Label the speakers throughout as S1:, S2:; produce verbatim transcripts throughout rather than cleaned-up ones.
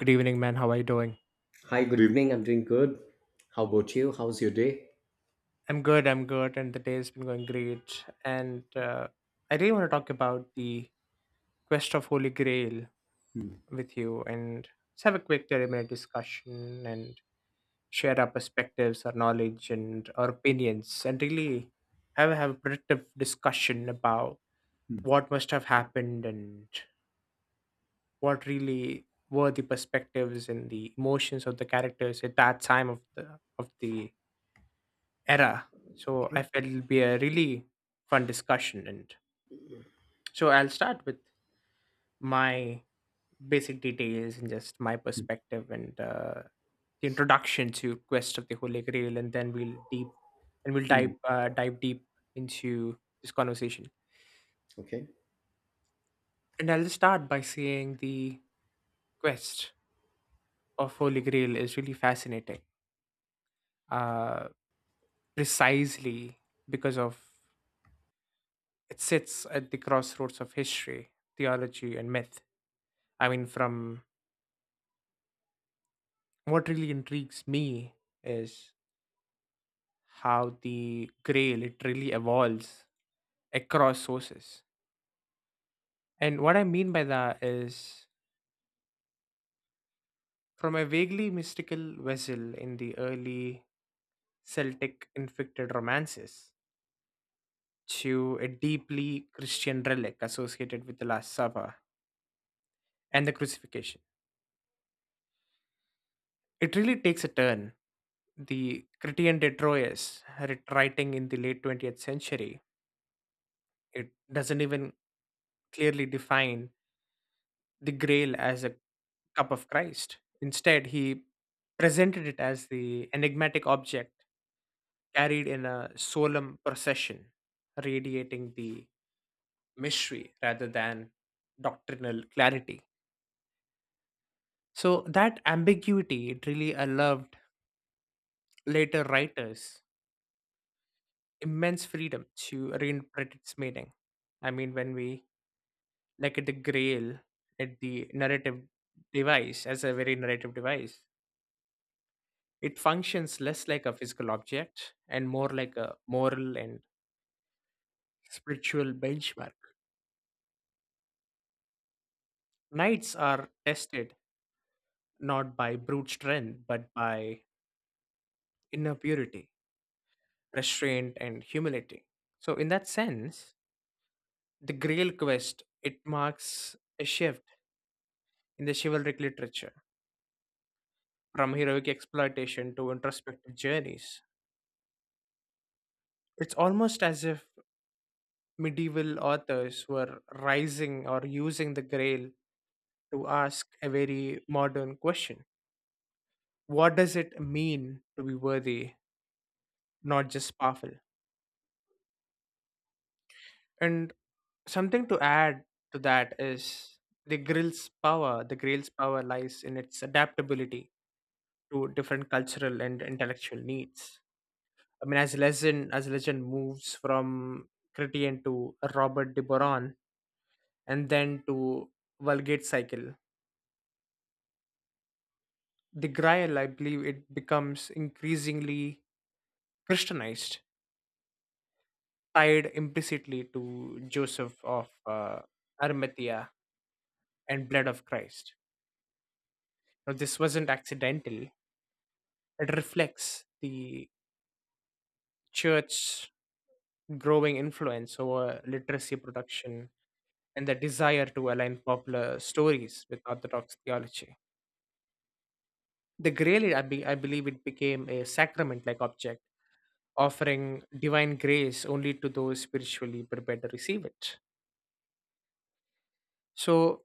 S1: Good evening, man. How are you doing?
S2: Hi, good evening. I'm doing good. How about you? How's your day?
S1: I'm good. I'm good, and the day has been going great. And uh, I really want to talk about the quest of Holy Grail with you, and just have a quick thirty-minute discussion and share our perspectives, our knowledge, and our opinions, and really have have a productive discussion about what must have happened and what really were the perspectives and the emotions of the characters at that time of the of the era. So I
S2: Okay.
S1: felt it'll be a really fun discussion. And so I'll start with my basic details and just my perspective and uh, the introduction to Quest of the Holy Grail, and then we'll deep and we'll dive
S2: Mm,
S1: uh, dive deep into this conversation.
S2: okay.
S1: And I'll just start by saying the quest of Holy Grail is really fascinating, uh, precisely because of it sits at the crossroads of history, theology, and myth. I mean, from what really intrigues me is how the gray literally evolves across sources. And what I mean by that is from a vaguely mystical vessel in the early Celtic inflected romances to a deeply Christian relic associated with the Last Supper and the crucifixion. It really takes a turn. The Critian de Troyes, writ- writing in the late twentieth century, it doesn't even clearly define the grail as a cup of Christ. Instead, he presented it as the enigmatic object carried in a solemn procession, radiating the mystery rather than doctrinal clarity. So that ambiguity it really allowed later writers immense freedom to reinterpret its meaning. I mean, when we look at the Grail, at the narrative device as a very narrative device, it functions less like a physical object and more like a moral and spiritual benchmark. Knights are tested not by brute strength, but by inner purity, restraint, and humility. So, in that sense, the Grail quest it marks a shift in the chivalric literature from heroic exploitation to introspective journeys. It's almost as if medieval authors were rising or using the Grail to ask a very modern question. What does it mean to be worthy, not just powerful? And something to add to that is the grill's power. The grill's power lies in its adaptability to different cultural and intellectual needs. I mean, as legend as legend moves from Chrétien to Robert de Boron and then to Vulgate cycle, the Grail, I believe, it becomes increasingly Christianized tied implicitly to Joseph of uh, Arimathea and blood of Christ. Now, this wasn't accidental, it reflects the church's growing influence over literacy production and the desire to align popular stories with Orthodox theology. The grail, I, be, I believe, it became a sacrament like object, offering divine grace only to those spiritually prepared to receive it. So,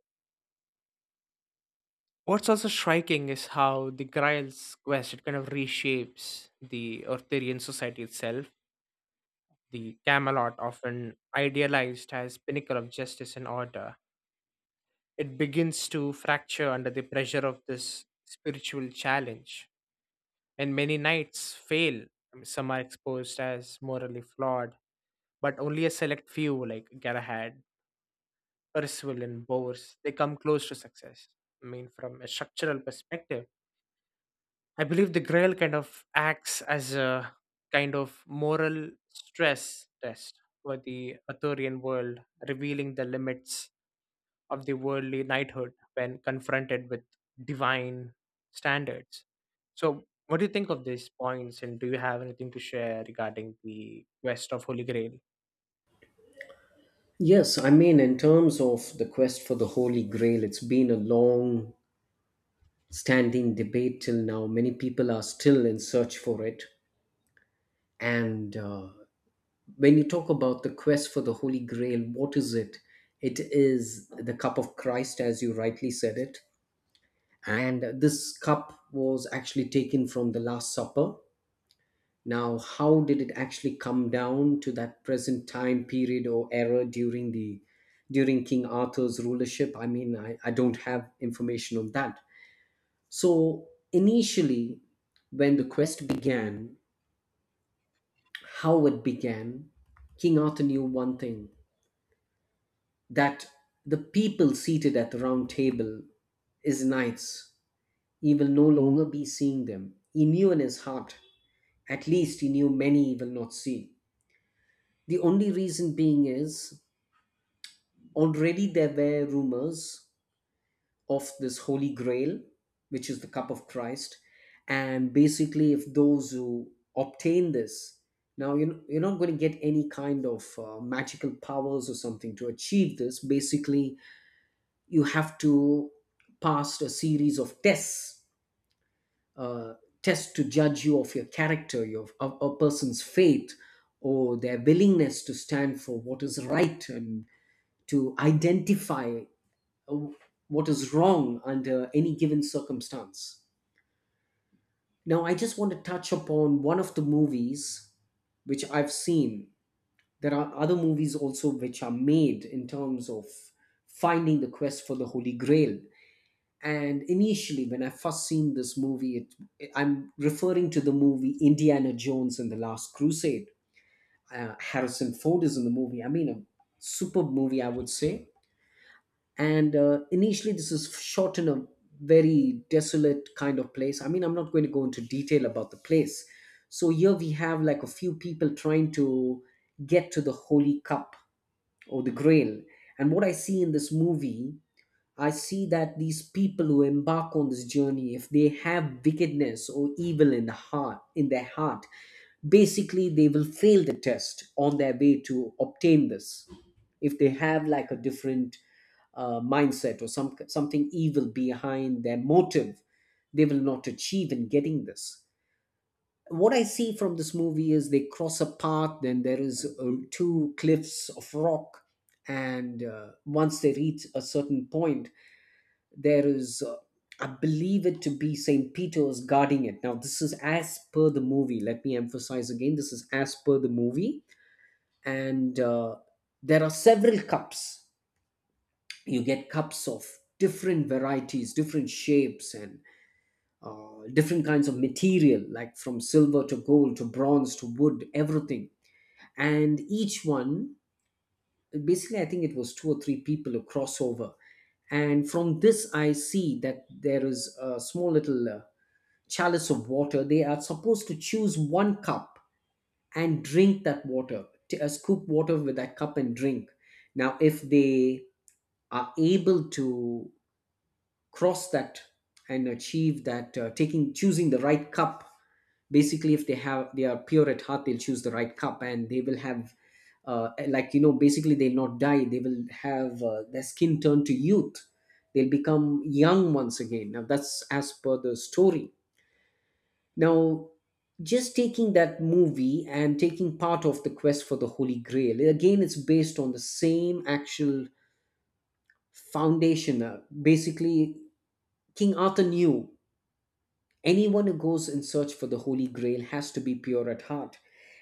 S1: what's also striking is how the Grail's quest it kind of reshapes the Eartharian society itself. The Camelot, often idealized as pinnacle of justice and order, it begins to fracture under the pressure of this spiritual challenge. And many knights fail. I mean, some are exposed as morally flawed, but only a select few, like Galahad, Percival, and Bors, they come close to success. I mean, from a structural perspective I believe the Grail kind of acts as a kind of moral stress test for the Arthurian world, revealing the limits of the worldly knighthood when confronted with divine standards. So, what do you think of these points, and do you have anything to share regarding the quest of Holy Grail?
S2: Yes, I mean, in terms of the quest for the Holy Grail, it's been a long standing debate till now. Many people are still in search for it. And uh, When you talk about the quest for the Holy Grail, what is it? It is the cup of Christ, as you rightly said it. And this cup was actually taken from the Last Supper. Now, how did it actually come down to that present time period or era during the during King Arthur's rulership? I mean, I, I don't have information on that. So initially, when the quest began, how it began, King Arthur knew one thing that the people seated at the round table his knights. He will no longer be seeing them. He knew in his heart, at least he knew many he will not see. The only reason being is already there were rumors of this Holy Grail, which is the cup of Christ, and basically, if those who obtain this, now you're, you're not going to get any kind of uh, magical powers or something to achieve this. Basically, you have to pass a series of tests, uh, tests to judge you of your character, your of a person's faith, or their willingness to stand for what is right and to identify uh, what is wrong under any given circumstance. Now, I just want to touch upon one of the movies which I've seen. There are other movies also which are made in terms of finding the quest for the Holy Grail. And initially, when I first seen this movie, it, I'm referring to the movie Indiana Jones and the Last Crusade. Uh, Harrison Ford is in the movie. I mean, a superb movie, I would say. And uh, Initially this is shot in a very desolate kind of place. I mean, I'm not going to go into detail about the place. So here we have like a few people trying to get to the holy cup or the grail, and what I see in this movie, I see that these people who embark on this journey, if they have wickedness or evil in the heart, in their heart, basically they will fail the test on their way to obtain this. If they have like a different uh, mindset or some something evil behind their motive, they will not achieve in getting this. What I see from this movie is they cross a path, then there is uh, two cliffs of rock, and uh, once they reach a certain point, there is uh, I believe it to be Saint Peter's guarding it. Now, this is as per the movie. Let me emphasize again, this is as per the movie. And uh, There are several cups. You get cups of different varieties, different shapes and uh, different kinds of material, like from silver to gold to bronze to wood, everything. And each one, basically, I think it was two or three people who cross over, and from this I see that there is a small little uh, chalice of water. They are supposed to choose one cup and drink that water, to, uh, scoop water with that cup and drink. Now, if they are able to cross that and achieve that, uh, taking choosing the right cup, basically, if they have they are pure at heart, they'll choose the right cup and they will have. Uh, eh, like you know basically they'll not die, they will have uh, their skin turn to youth, they'll become young once again. Now that's as per the story. Now, just taking that movie and taking part of the quest for the Holy Grail, again, it's based on the same actual foundation. Uh, Basically, King Arthur knew anyone who goes in search for the Holy Grail has to be pure at heart.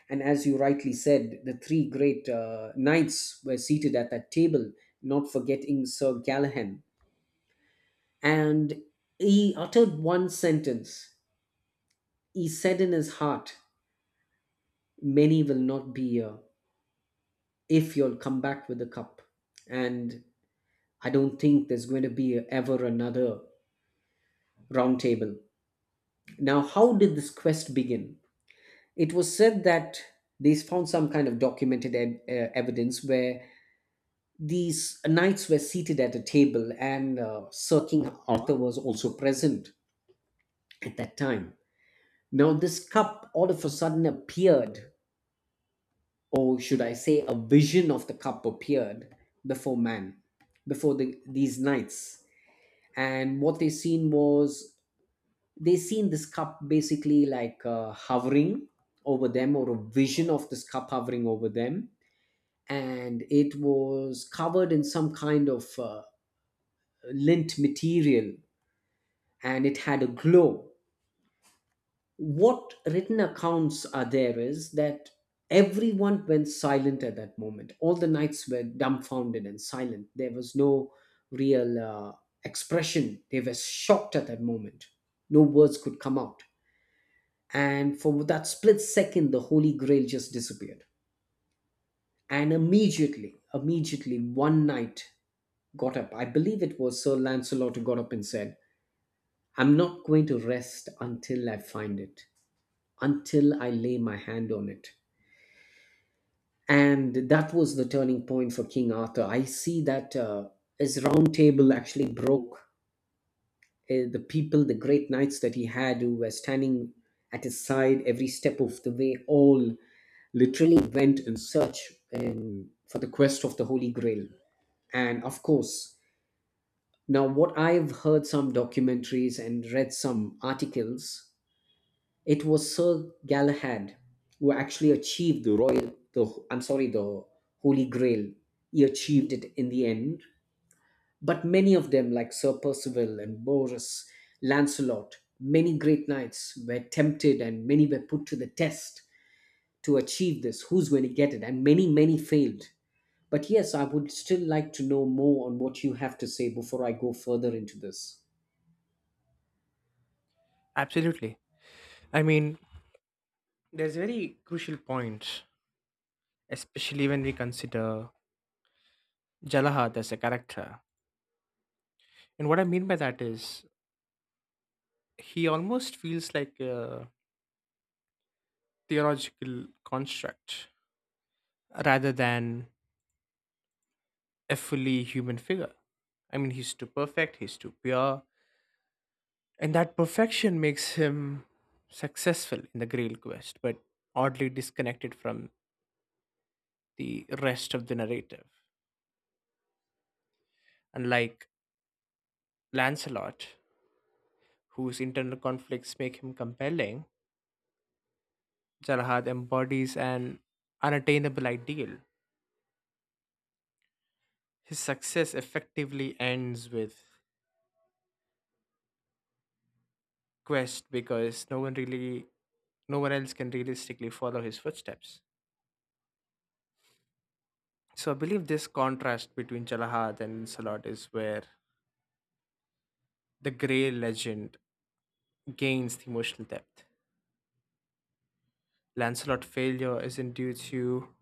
S2: And as you rightly said, the three great uh, knights were seated at that table, not forgetting Sir Galahad. And he uttered one sentence. He said in his heart, many will not be here if you'll come back with the cup. And I don't think there's going to be ever another round table. Now, how did this quest begin? It was said that they found some kind of documented e- uh, evidence where these knights were seated at a table and uh, Sir King Arthur was also present at that time. Now, this cup all of a sudden appeared, or should I say, a vision of the cup appeared before man, before the, these knights, and what they seen was they seen this cup basically like uh, hovering over them, or a vision of this cup hovering over them, and it was covered in some kind of uh, lint material and it had a glow. What written accounts are there is that everyone went silent at that moment. All the knights were dumbfounded and silent. There was no real uh, expression. They were shocked at that moment. No words could come out. And for that split second the Holy Grail just disappeared. And immediately immediately one knight got up. I believe it was Sir Lancelot who got up and said, I'm not going to rest until I find it, until I lay my hand on it. And that was the turning point for King Arthur. I see that uh, his round table actually broke. Uh, the people, the great knights that he had who were standing at his side every step of the way all literally went in search in, for the quest of the Holy Grail. And of course, now what I've heard some documentaries and read some articles, it was Sir Galahad who actually achieved the royal, the I'm sorry, the Holy Grail. He achieved it in the end. But many of them, like Sir Percival and Boris, Lancelot, many great knights were tempted and many were put to the test to achieve this. Who's going to get it? And many, many failed. But yes, I would still like to know more on what you have to say before I go further into this.
S1: Absolutely. I mean, there's very crucial points, especially when we consider Jalahad as a character. And what I mean by that is he almost feels like a theological construct rather than a fully human figure. I mean, he's too perfect, he's too pure, and that perfection makes him successful in the Grail quest, but oddly disconnected from the rest of the narrative. Unlike Lancelot, whose internal conflicts make him compelling, Jalahad embodies an unattainable ideal. His success effectively ends with quest because no one really no one else can realistically follow his footsteps. So I believe this contrast between Jalahad and Lancelot is where the Grey legend gains the emotional depth. Lancelot's failure isn't due to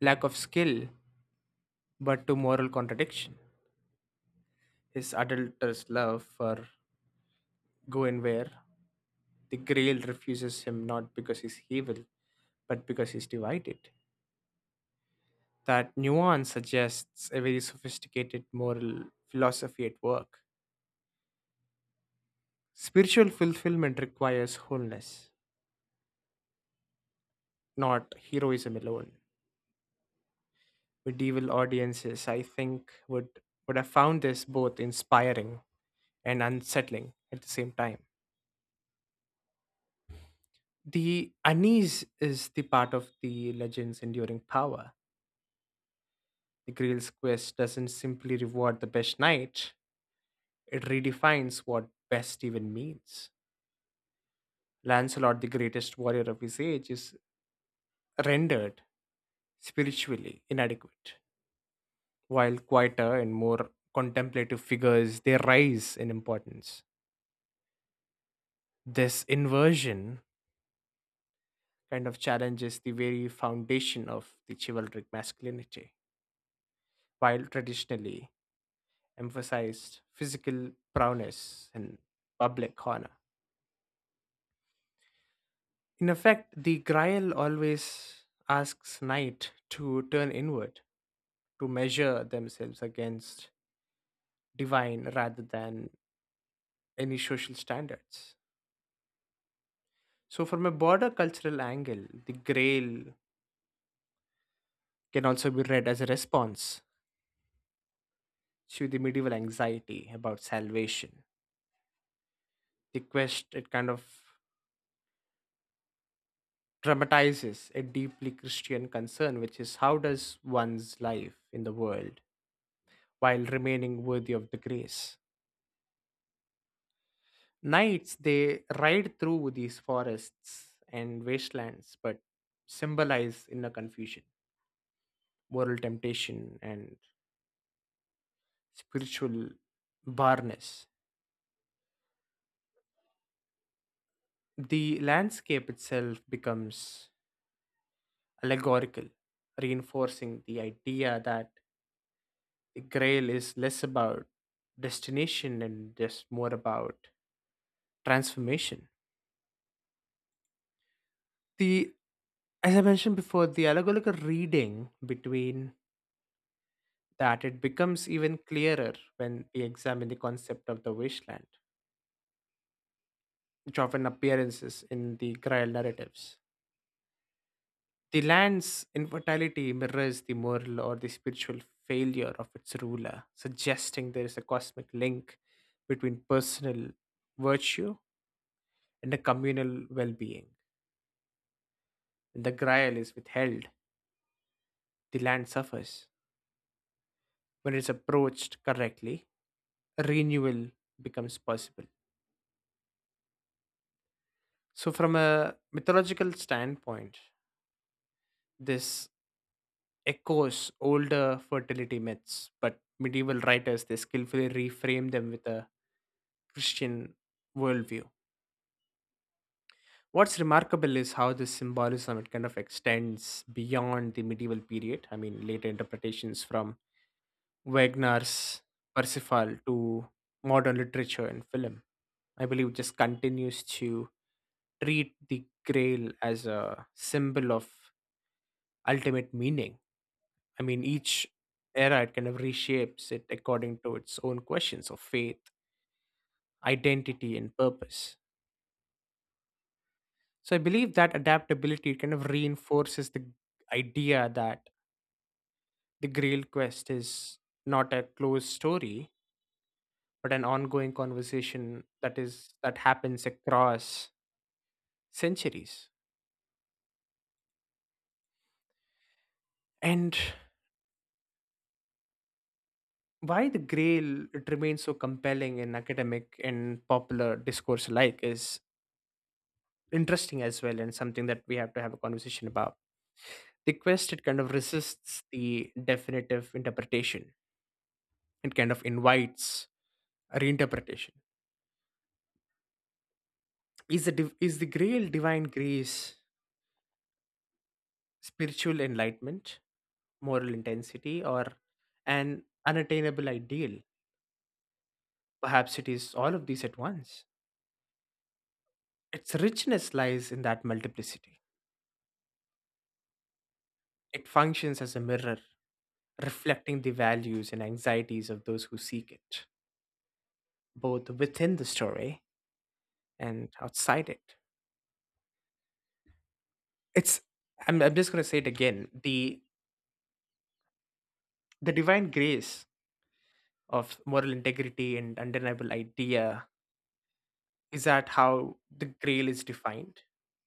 S1: lack of skill, but to moral contradiction. His adulterous love for Guinevere, the Grail refuses him not because he's evil, but because he's divided. That nuance suggests a very sophisticated moral philosophy at work. Spiritual fulfillment requires wholeness, not heroism alone. Medieval audiences, I think, would, would have found this both inspiring and unsettling at the same time. The unease is the part of the legend's enduring power. The Grail's quest doesn't simply reward the best knight, it redefines what best even means. Lancelot, the greatest warrior of his age, is rendered spiritually inadequate while quieter and more contemplative figures they rise in importance. This inversion kind of challenges the very foundation of the chivalric masculinity while traditionally emphasized physical prowess and public honor. In effect, the grail always asks knight to turn inward, to measure themselves against divine rather than any social standards. So, from a broader cultural angle, the Grail can also be read as a response to the medieval anxiety about salvation. The quest, it kind of dramatizes a deeply Christian concern, which is how does one's life in the world while remaining worthy of the grace? Knights, they ride through these forests and wastelands, but symbolize inner confusion, moral temptation, and spiritual barrenness. The landscape itself becomes allegorical, reinforcing the idea that the grail is less about destination and just more about transformation. The as I mentioned before, the allegorical reading between that it becomes even clearer when we examine the concept of the wasteland, which often appearances in the Grail narratives. The land's infertility mirrors the moral or the spiritual failure of its ruler, suggesting there is a cosmic link between personal virtue and a communal well being. When the Grail is withheld, the land suffers. When it's approached correctly, a renewal becomes possible. So, from a mythological standpoint, this echoes older fertility myths, but medieval writers they skillfully reframe them with a Christian worldview. What's remarkable is how this symbolism it kind of extends beyond the medieval period. I mean, later interpretations from Wagner's Parsifal to modern literature and film. I believe just continues to treat the grail as a symbol of ultimate meaning. I mean, each era it kind of reshapes it according to its own questions of faith, identity, and purpose. So I believe that adaptability kind of reinforces the idea that the Grail quest is not a closed story, but an ongoing conversation that is that happens across centuries. And why the Grail it remains so compelling in academic and popular discourse alike is interesting as well and something that we have to have a conversation about. The quest it kind of resists the definitive interpretation. It kind of invites a reinterpretation. Is the div- is the grail divine grace, spiritual enlightenment, moral intensity, or an unattainable ideal? Perhaps it is all of these at once. Its richness lies in that multiplicity. It functions as a mirror, reflecting the values and anxieties of those who seek it, both within the story and outside it. it's i'm, I'm just going to say it again, the the divine grace of moral integrity and undeniable idea. Is that how the grail is defined?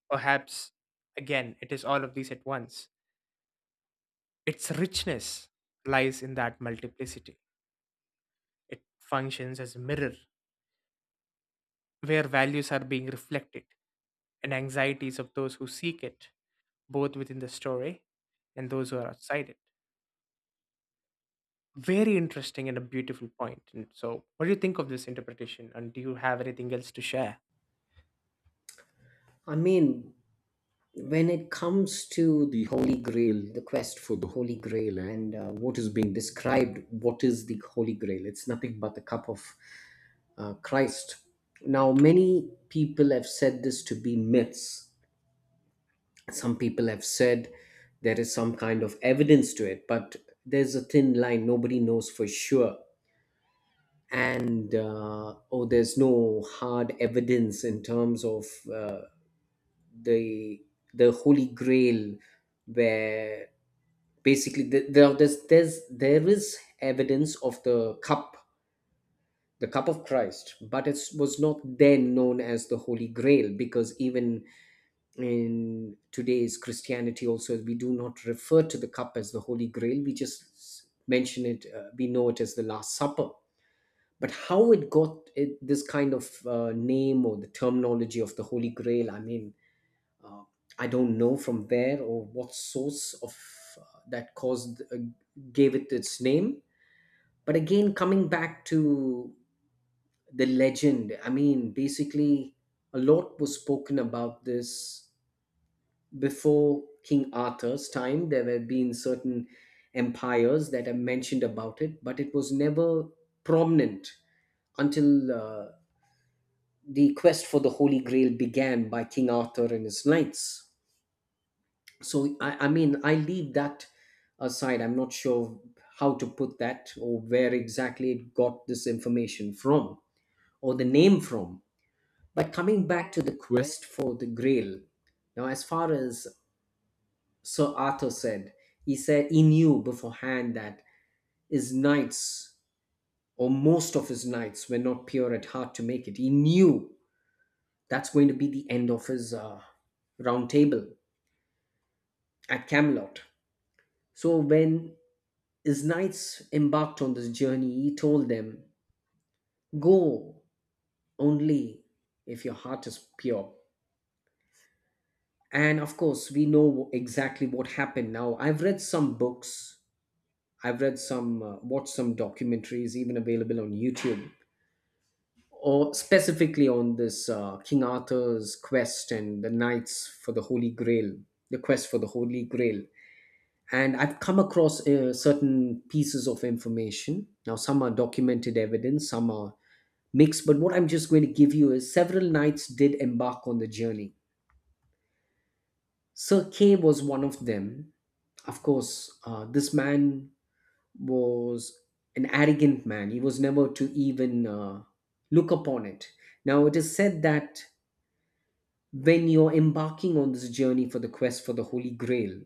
S1: Perhaps, again, it is all of these at once. Its richness lies in that multiplicity. It functions as a mirror where values are being reflected and anxieties of those who seek it, both within the story and those who are outside it. Very interesting and a beautiful point. And so, what do you think of this interpretation? And do you have anything else to share?
S2: I mean, when it comes to the Holy Grail, the quest for the Holy Grail, and uh, what is being described, what is the Holy Grail? It's nothing but the cup of uh, Christ. Now, many people have said this to be myths. Some people have said there is some kind of evidence to it, but there's a thin line. Nobody knows for sure. and uh, oh There's no hard evidence in terms of uh, the the Holy Grail, where basically the, there there's, there's there is evidence of the cup, the cup of Christ, but it was not then known as the Holy Grail, because even in today's Christianity also we do not refer to the cup as the Holy Grail. We just mention it, uh, we know it as the Last Supper. But how it got it, this kind of uh, name or the terminology of the Holy Grail, I mean, uh, I don't know from where or what source of uh, that caused uh, gave it its name. But again, coming back to the legend, I mean basically a lot was spoken about this before King Arthur's time. There have been certain empires that have mentioned about it, but it was never prominent until uh, the quest for the Holy Grail began by King Arthur and his knights. So, I, I mean, I leave that aside. I'm not sure how to put that or where exactly it got this information from or the name from. But coming back to the quest for the Grail, now, as far as Sir Arthur said, he said he knew beforehand that his knights, or most of his knights, were not pure at heart to make it. He knew that's going to be the end of his uh, round table at Camelot. So when his knights embarked on this journey, he told them, go only if your heart is pure. And of course, we know exactly what happened now. I've read some books, I've read some, uh, watched some documentaries, even available on YouTube, or specifically on this uh, King Arthur's quest and the knights for the Holy Grail, the quest for the Holy Grail. And I've come across uh, certain pieces of information. Now some are documented evidence, some are mixed, but what I'm just going to give you is several knights did embark on the journey. Sir Kay was one of them. Of course, uh, this man was an arrogant man. He was never to even uh, look upon it. Now it is said that when you're embarking on this journey for the quest for the Holy Grail,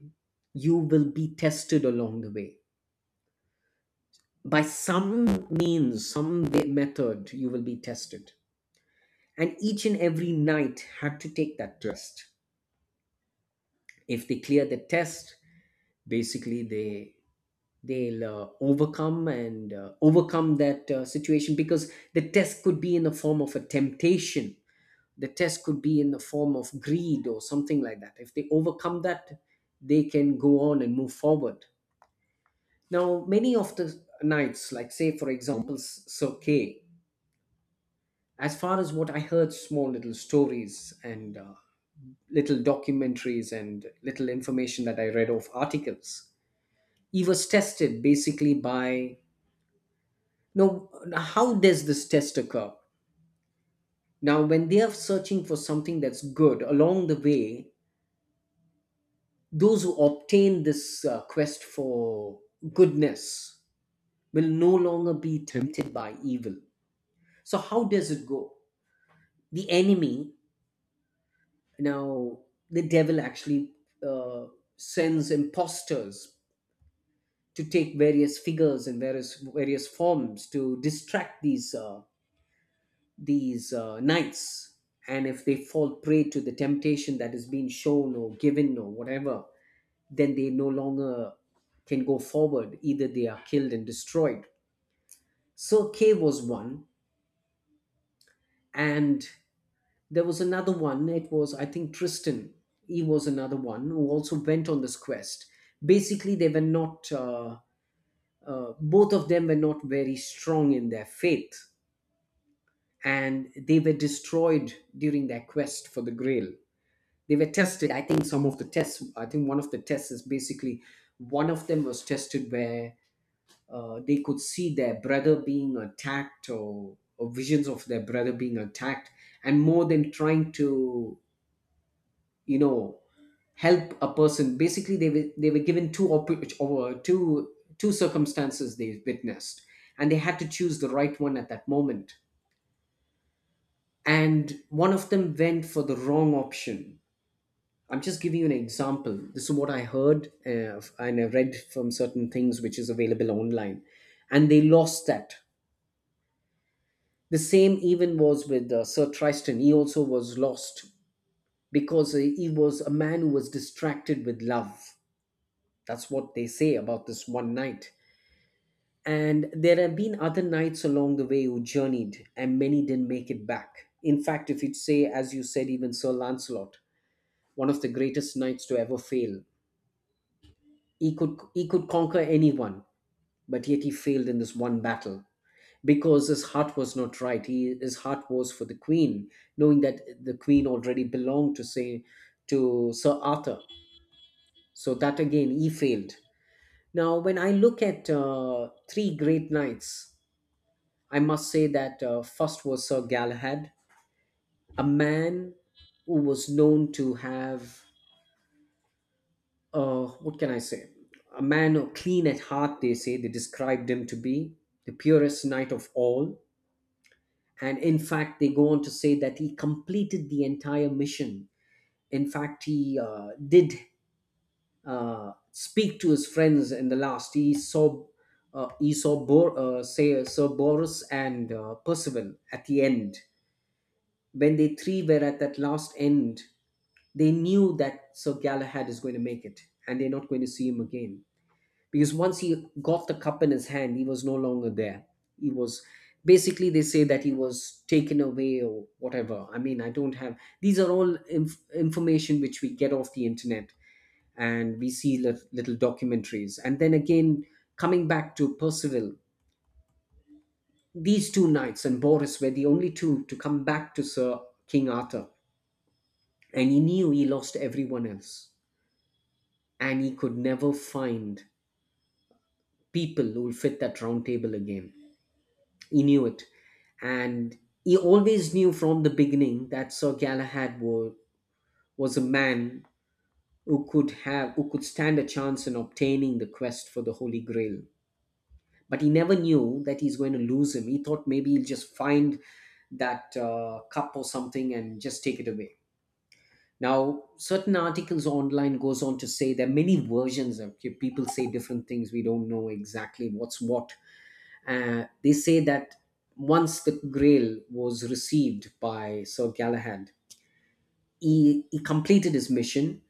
S2: you will be tested along the way. By some means, some way, method, you will be tested. And each and every knight had to take that test. If they clear the test, basically they they'll uh, overcome and uh, overcome that uh, situation, because the test could be in the form of a temptation. The test could be in the form of greed or something like that. If they overcome that, they can go on and move forward. Now, many of the knights, like say for example S- Sir Kay, as far as what I heard, small little stories, and uh, little documentaries and little information that I read of articles, he was tested basically by no. How does this test occur? Now, when they are searching for something that's good along the way, those who obtain this uh, quest for goodness will no longer be tempted by evil. So, how does it go? The enemy. Now, the devil actually uh, sends impostors to take various figures and various various forms to distract these uh, these uh, knights. And if they fall prey to the temptation that is being shown or given or whatever, then they no longer can go forward. Either they are killed and destroyed. So K was one, and there was another one. It was, I think, Tristan. He was another one who also went on this quest. Basically, they were not, uh, uh, both of them were not very strong in their faith, and they were destroyed during their quest for the grail. They were tested. I think some of the tests, I think one of the tests is basically one of them was tested where uh, they could see their brother being attacked, or, or visions of their brother being attacked, and more than trying to, you know, help a person, basically they were they were given two oppor- or uh, two, two circumstances they witnessed, and they had to choose the right one at that moment. And one of them went for the wrong option. I'm just giving you an example. This is what I heard, uh, and I read from certain things which is available online, and they lost that. The same even was with uh, Sir Tristan. He also was lost because uh, he was a man who was distracted with love. That's what they say about this one night. And there have been other knights along the way who journeyed, and many didn't make it back. In fact, if you'd say, as you said, even Sir Lancelot, one of the greatest knights to ever fail, he could he could conquer anyone, but yet he failed in this one battle because his heart was not right. He, his heart was for the queen, knowing that the queen already belonged to say to Sir Arthur. So that again, he failed. Now, when I look at uh, three great knights, I must say that uh, first was Sir Galahad, a man who was known to have, uh, what can I say, a man of clean at heart, they say, they described him to be the purest knight of all. And in fact, they go on to say that he completed the entire mission. In fact, he uh, did uh, speak to his friends in the last. He saw, uh, he saw Bor- uh, say, Sir Boris and uh, Percival at the end. When they three were at that last end, they knew that Sir Galahad is going to make it and they're not going to see him again. Because once he got the cup in his hand, he was no longer there. He was basically, they say that he was taken away or whatever. I mean, I don't have, these are all inf- information which we get off the internet and we see lit- little documentaries. And then again, coming back to Percival, these two knights and Boris were the only two to come back to Sir King Arthur. And he knew he lost everyone else. And he could never find people who will fit that round table again. He knew it. And he always knew from the beginning that Sir Galahad was, was a man who could have who could stand a chance in obtaining the quest for the Holy Grail. But he never knew that he's going to lose him. He thought maybe he'll just find that uh, cup or something and just take it away. Now, certain articles online goes on to say, there are many versions, of people say different things. We don't know exactly what's what. Uh, they say that once the Grail was received by Sir Galahad, he, he completed his mission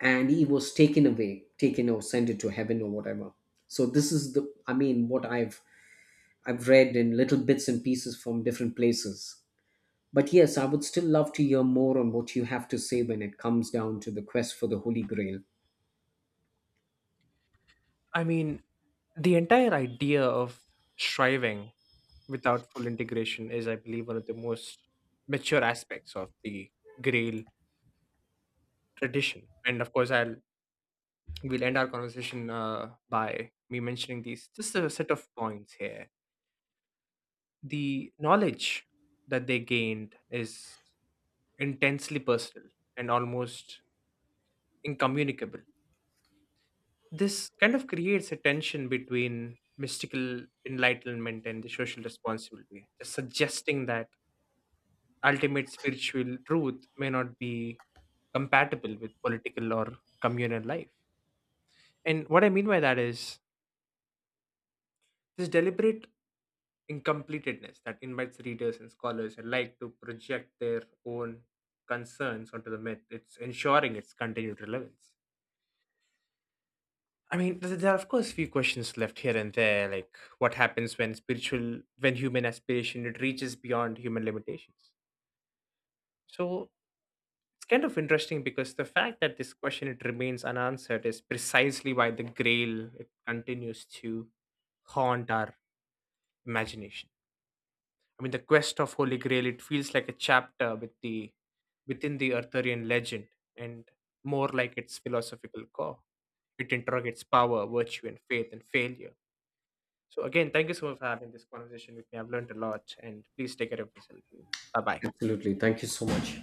S2: and he was taken away, taken or sent into heaven or whatever. So this is the, I mean, what I've I've read in little bits and pieces from different places. But yes, I would still love to hear more on what you have to say when it comes down to the quest for the Holy Grail.
S1: I mean, the entire idea of striving without full integration is, I believe, one of the most mature aspects of the Grail tradition. And of course, I'll we'll end our conversation uh, by me mentioning these just a set of points here. The knowledge that they gained is intensely personal and almost incommunicable. This kind of creates a tension between mystical enlightenment and the social responsibility, just suggesting that ultimate spiritual truth may not be compatible with political or communal life. And what I mean by that is this deliberate incompleteness that invites readers and scholars alike to project their own concerns onto the myth. It's ensuring its continued relevance. I mean, th- there are of course few questions left here and there, like what happens when spiritual, when human aspiration it reaches beyond human limitations. So it's kind of interesting because the fact that this question it remains unanswered is precisely why the grail it continues to haunt our imagination. I mean the quest of holy grail it feels like a chapter with the within the arthurian legend and more like its philosophical core. It interrogates power, virtue, and faith and failure. So again, thank you so much for having this conversation with me. I've learned a lot and please take care of yourself. Bye bye.
S2: Absolutely. Thank you so much.